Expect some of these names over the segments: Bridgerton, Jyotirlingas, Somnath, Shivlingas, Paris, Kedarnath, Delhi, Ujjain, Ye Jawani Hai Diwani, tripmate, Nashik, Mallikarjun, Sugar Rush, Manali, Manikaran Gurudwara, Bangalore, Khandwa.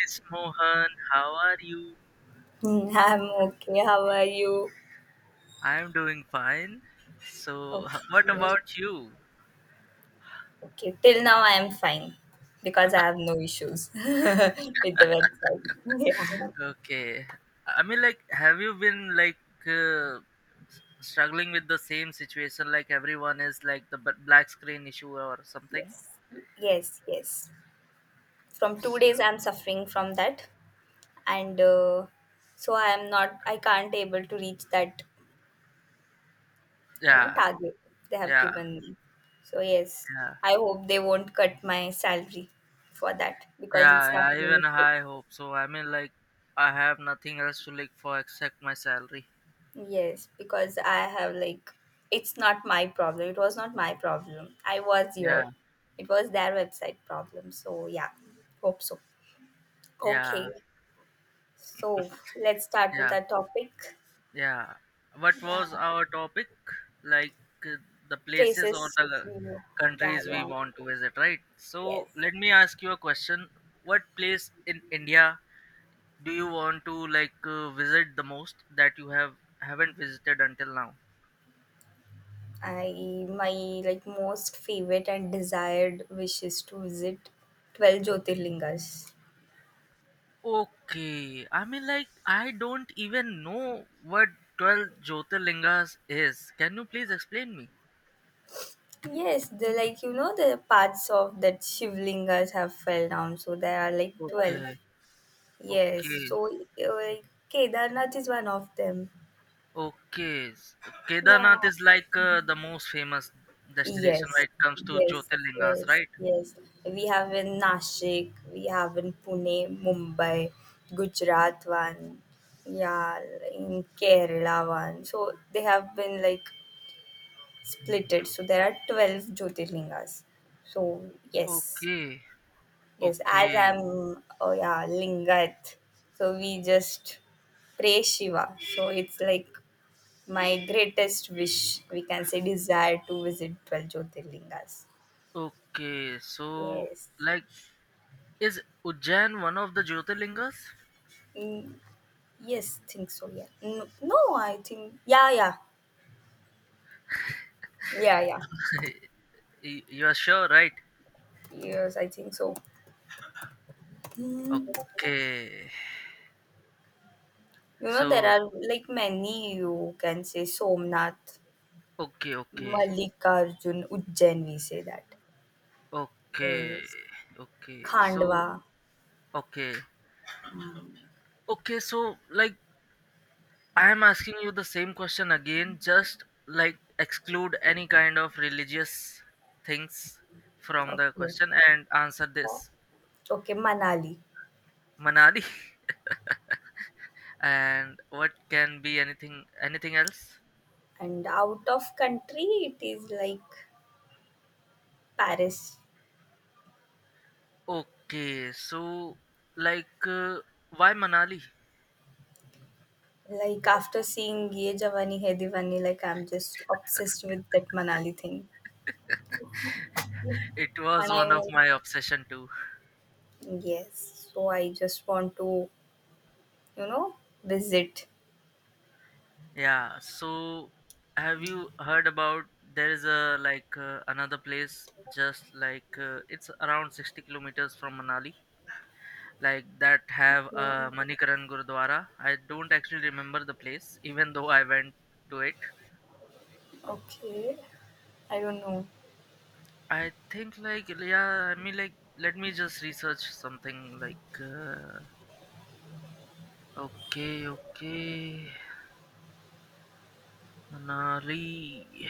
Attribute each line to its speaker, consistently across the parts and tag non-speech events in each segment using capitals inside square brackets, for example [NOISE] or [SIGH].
Speaker 1: Miss Mohan, how are you?
Speaker 2: Hmm, I'm okay. How are you?
Speaker 1: I'm doing fine. So, what
Speaker 2: Okay.
Speaker 1: about you?
Speaker 2: Okay. Till now, I am fine because I have no issues [LAUGHS] with the website. Yeah.
Speaker 1: Okay. I mean, like, have you been like uh, struggling with the same situation? Like, everyone is like the black screen issue or something?
Speaker 2: Yes. Yes. Yes. From 2 days, I'm suffering from that, and so I am not. I can't able to reach that
Speaker 1: Yeah,
Speaker 2: target they have
Speaker 1: yeah,
Speaker 2: given me. So yes,
Speaker 1: yeah,
Speaker 2: I hope they won't cut my salary for that because it's
Speaker 1: yeah,
Speaker 2: not
Speaker 1: yeah.
Speaker 2: my
Speaker 1: Even
Speaker 2: mistake.
Speaker 1: I hope so. I mean, like, I have nothing else to look for except my salary.
Speaker 2: Yes, because I have like it's not my problem. It was not my problem. I was
Speaker 1: Yeah,
Speaker 2: here. It was their website problem. So yeah, hope so.
Speaker 1: yeah,
Speaker 2: Okay. So let's start with
Speaker 1: yeah.
Speaker 2: our topic.
Speaker 1: Yeah. What
Speaker 2: Yeah.
Speaker 1: was our topic? Like uh, the places or
Speaker 2: Places
Speaker 1: the
Speaker 2: you, yeah,
Speaker 1: countries
Speaker 2: you
Speaker 1: we
Speaker 2: want.
Speaker 1: want to visit, right? So
Speaker 2: Yes.
Speaker 1: let me ask you a question. What place in India do you want to like visit the most that you have haven't visited until now?
Speaker 2: I my like most favorite and desired wish is to visit 12 Jyotirlingas.
Speaker 1: Okay. I mean, like, I don't even know what 12 Jyotirlingas is. Can you please explain me?
Speaker 2: Yes, the like the parts of that Shivlingas have fell down, so there are like 12.
Speaker 1: Okay.
Speaker 2: Yes,
Speaker 1: Okay.
Speaker 2: so like Kedarnath is one of them.
Speaker 1: Okay. Kedarnath
Speaker 2: Yeah.
Speaker 1: is like the most famous destination when
Speaker 2: Yes,
Speaker 1: it comes to
Speaker 2: yes,
Speaker 1: Jyotirlingas,
Speaker 2: yes,
Speaker 1: right?
Speaker 2: yes. We have in Nashik, we have in Pune, Mumbai, Gujarat one, yeah, in Kerala one. So they have been like splitted. So there are 12 Jyotirlingas. So, yes.
Speaker 1: Okay,
Speaker 2: Yes, as
Speaker 1: okay,
Speaker 2: I'm, oh yeah, Lingat. So we just pray Shiva. So it's like my greatest wish, we can say desire to visit 12 Jyotirlingas.
Speaker 1: okay. So,
Speaker 2: Yes.
Speaker 1: like, is Ujjain one of the Jyotirlingas?
Speaker 2: Mm, yes, think so, yeah. No, no, I think, yeah, yeah, yeah, yeah.
Speaker 1: You are sure, right?
Speaker 2: Yes, I think so. Mm,
Speaker 1: Okay.
Speaker 2: there
Speaker 1: So,
Speaker 2: are like many, you can say Somnath,
Speaker 1: okay, okay,
Speaker 2: Mallikarjun, Ujjain, we say that.
Speaker 1: okay,
Speaker 2: Yes.
Speaker 1: okay. So,
Speaker 2: Khandwa.
Speaker 1: okay, okay. So, like, I am asking you the same question again, just like exclude any kind of religious things from the
Speaker 2: Okay.
Speaker 1: question and answer this.
Speaker 2: Okay, Manali.
Speaker 1: Manali. [LAUGHS] And what can be anything else?
Speaker 2: And out of country, it is like Paris.
Speaker 1: Okay, so like why Manali?
Speaker 2: Like after seeing Ye Jawani Hai Diwani, like I'm just obsessed with that Manali thing.
Speaker 1: [LAUGHS] it
Speaker 2: And
Speaker 1: was
Speaker 2: I
Speaker 1: one of
Speaker 2: want,
Speaker 1: my obsession too.
Speaker 2: yes, so I just want to, you know, visit.
Speaker 1: Yeah, so have you heard about there is a like another place just like it's around 60 kilometers from Manali like that have a
Speaker 2: Mm,
Speaker 1: Manikaran Gurudwara. I don't actually remember the place even though I went to it.
Speaker 2: okay, I don't know.
Speaker 1: I think like, yeah, I mean, like, let me just research something like okay, okay. Manali.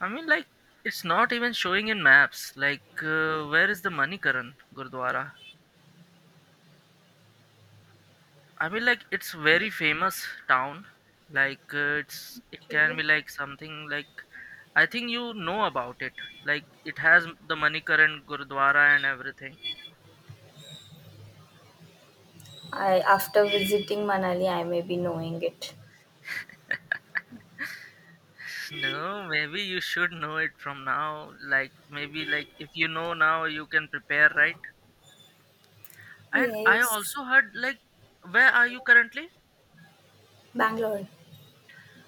Speaker 1: I mean, like, it's not even showing in maps. Like, where is the Manikaran Gurdwara? I mean, like, it's very famous town. Like, it can
Speaker 2: Okay.
Speaker 1: be like something like I think you know about it. Like, it has the Manikaran Gurdwara and everything.
Speaker 2: I, after visiting Manali, I may be knowing it.
Speaker 1: [LAUGHS] No, maybe you should know it from now. Like, maybe like if you know now, you can prepare, right? And I
Speaker 2: Yes,
Speaker 1: also heard like, where are you currently?
Speaker 2: Bangalore.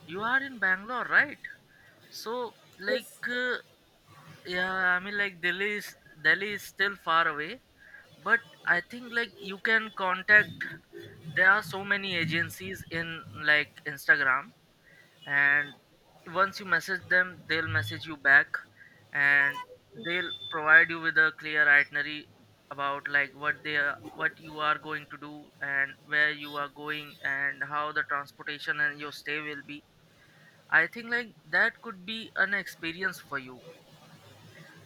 Speaker 1: You are in Bangalore, right? So, like,
Speaker 2: Yes.
Speaker 1: yeah, I mean, like, Delhi is still far away, but I think like you can contact, there are so many agencies in like Instagram, and once you message them they'll message you back and they'll provide you with a clear itinerary about like what they are, what you are going to do and where you are going and how the transportation and your stay will be. I think like that could be an experience for you.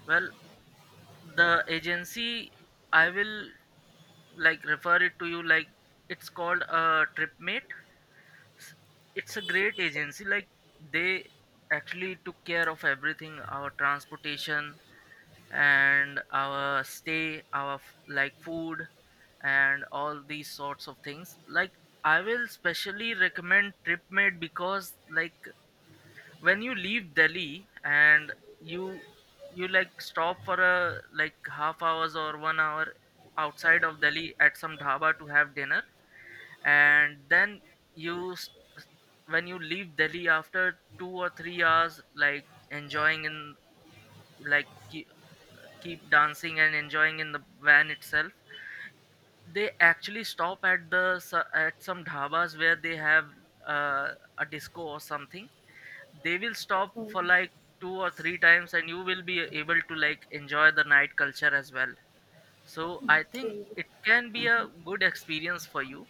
Speaker 1: Well, the agency I will like refer it to you. Like, it's called a tripmate. S- it's a great agency. Like, they actually took care of everything: our transportation and our stay, our like food and all these sorts of things. Like, I will specially recommend tripmate because like when you leave Delhi and you you like stop for a like half hours or 1 hour outside of Delhi at some dhaba to have dinner, and then you s- s- when you leave Delhi after 2 or 3 hours, like enjoying in like keep, keep dancing and enjoying in the van itself. They actually stop at at some dhabas where they have uh, a disco or something. They will stop
Speaker 2: Mm,
Speaker 1: for like two or three times and you will be able to like enjoy the night culture as well. So I think
Speaker 2: okay.
Speaker 1: it can be a good experience for you.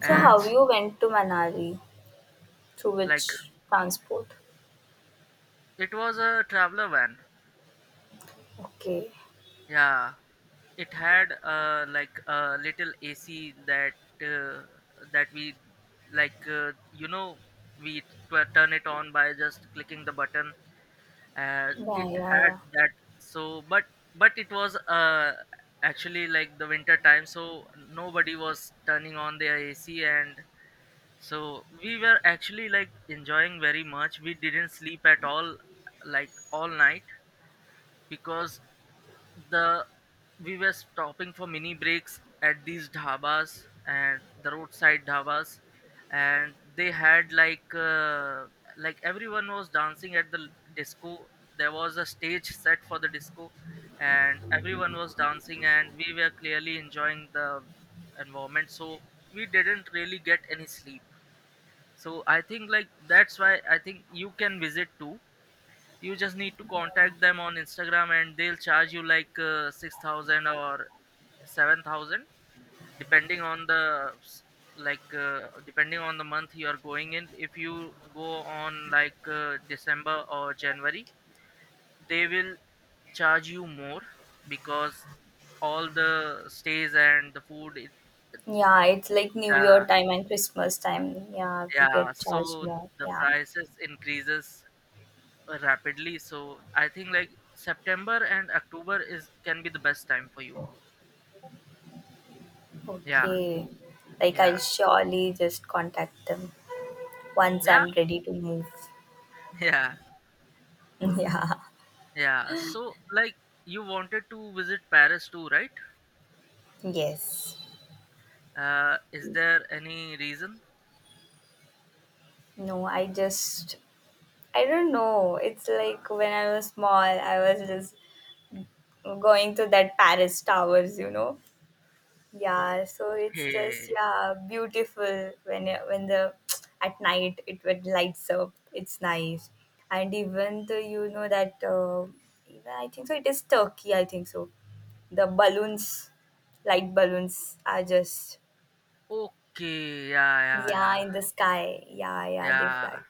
Speaker 2: So
Speaker 1: And,
Speaker 2: how you went to Manali? Through
Speaker 1: like,
Speaker 2: which transport?
Speaker 1: it was a traveler van.
Speaker 2: Okay.
Speaker 1: Yeah, it had like a little AC, that uh, that we, like, we turn it on by just clicking the button.
Speaker 2: Yeah,
Speaker 1: It
Speaker 2: yeah,
Speaker 1: had
Speaker 2: yeah.
Speaker 1: that. So, but it was actually like the winter time, so nobody was turning on their AC. And so we were actually like enjoying very much. We didn't sleep at all, like all night, because the we were stopping for mini breaks at these dhabas and the roadside dhabas, and they had like everyone was dancing at the disco. There was a stage set for the disco and everyone was dancing and we were clearly enjoying the environment. So we didn't really get any sleep. So I think like that's why I think you can visit too. You just need to contact them on Instagram and they'll charge you like 6,000 or 7,000, depending on like depending on the month you are going in. If you go on like December or January, they will charge you more because all the stays and the food, it,
Speaker 2: Yeah, it's like New Year
Speaker 1: yeah,
Speaker 2: time and Christmas time. Yeah, we
Speaker 1: yeah.
Speaker 2: get charged
Speaker 1: So
Speaker 2: more.
Speaker 1: the
Speaker 2: Yeah.
Speaker 1: prices increases rapidly. So I think like september and october is can be the best time for you. Yeah,
Speaker 2: Okay. Like I'll
Speaker 1: yeah,
Speaker 2: surely just contact them once
Speaker 1: yeah,
Speaker 2: I'm ready to move. [LAUGHS]
Speaker 1: yeah,
Speaker 2: Yeah.
Speaker 1: yeah. So, like, you wanted to visit Paris too, right?
Speaker 2: Yes.
Speaker 1: Is there any reason?
Speaker 2: No, I don't know. It's like when I was small, I was just going to that Paris towers. Yeah, so it's just
Speaker 1: Okay,
Speaker 2: yeah, beautiful when the [TSK] at night it would lights up. It's nice, and even the that even I think so. It is Turkey, I think so. The balloons, light balloons, are just
Speaker 1: okay, yeah,
Speaker 2: yeah
Speaker 1: yeah,
Speaker 2: in the sky. Yeah, yeah, they fly.
Speaker 1: yeah,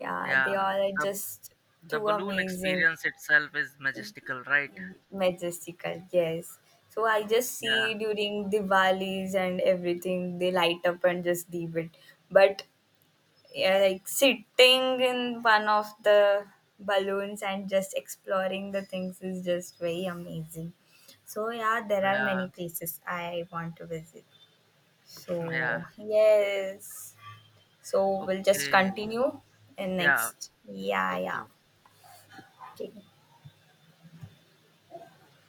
Speaker 2: Yeah,
Speaker 1: yeah,
Speaker 2: they
Speaker 1: yeah.
Speaker 2: all are
Speaker 1: The
Speaker 2: just too
Speaker 1: balloon
Speaker 2: amazing.
Speaker 1: experience itself is majestical, right?
Speaker 2: Majestical, yes. So I just
Speaker 1: Yeah,
Speaker 2: see during Diwalis and everything, they light up and just leave it. But yeah, like sitting in one of the balloons and just exploring the things is just very amazing. So yeah, there are
Speaker 1: yeah,
Speaker 2: many places I want to visit.
Speaker 1: [LAUGHS] yeah.
Speaker 2: So yes. So we'll just
Speaker 1: Okay,
Speaker 2: continue in
Speaker 1: yeah,
Speaker 2: next. Yeah, yeah.
Speaker 1: okay.
Speaker 2: Okay.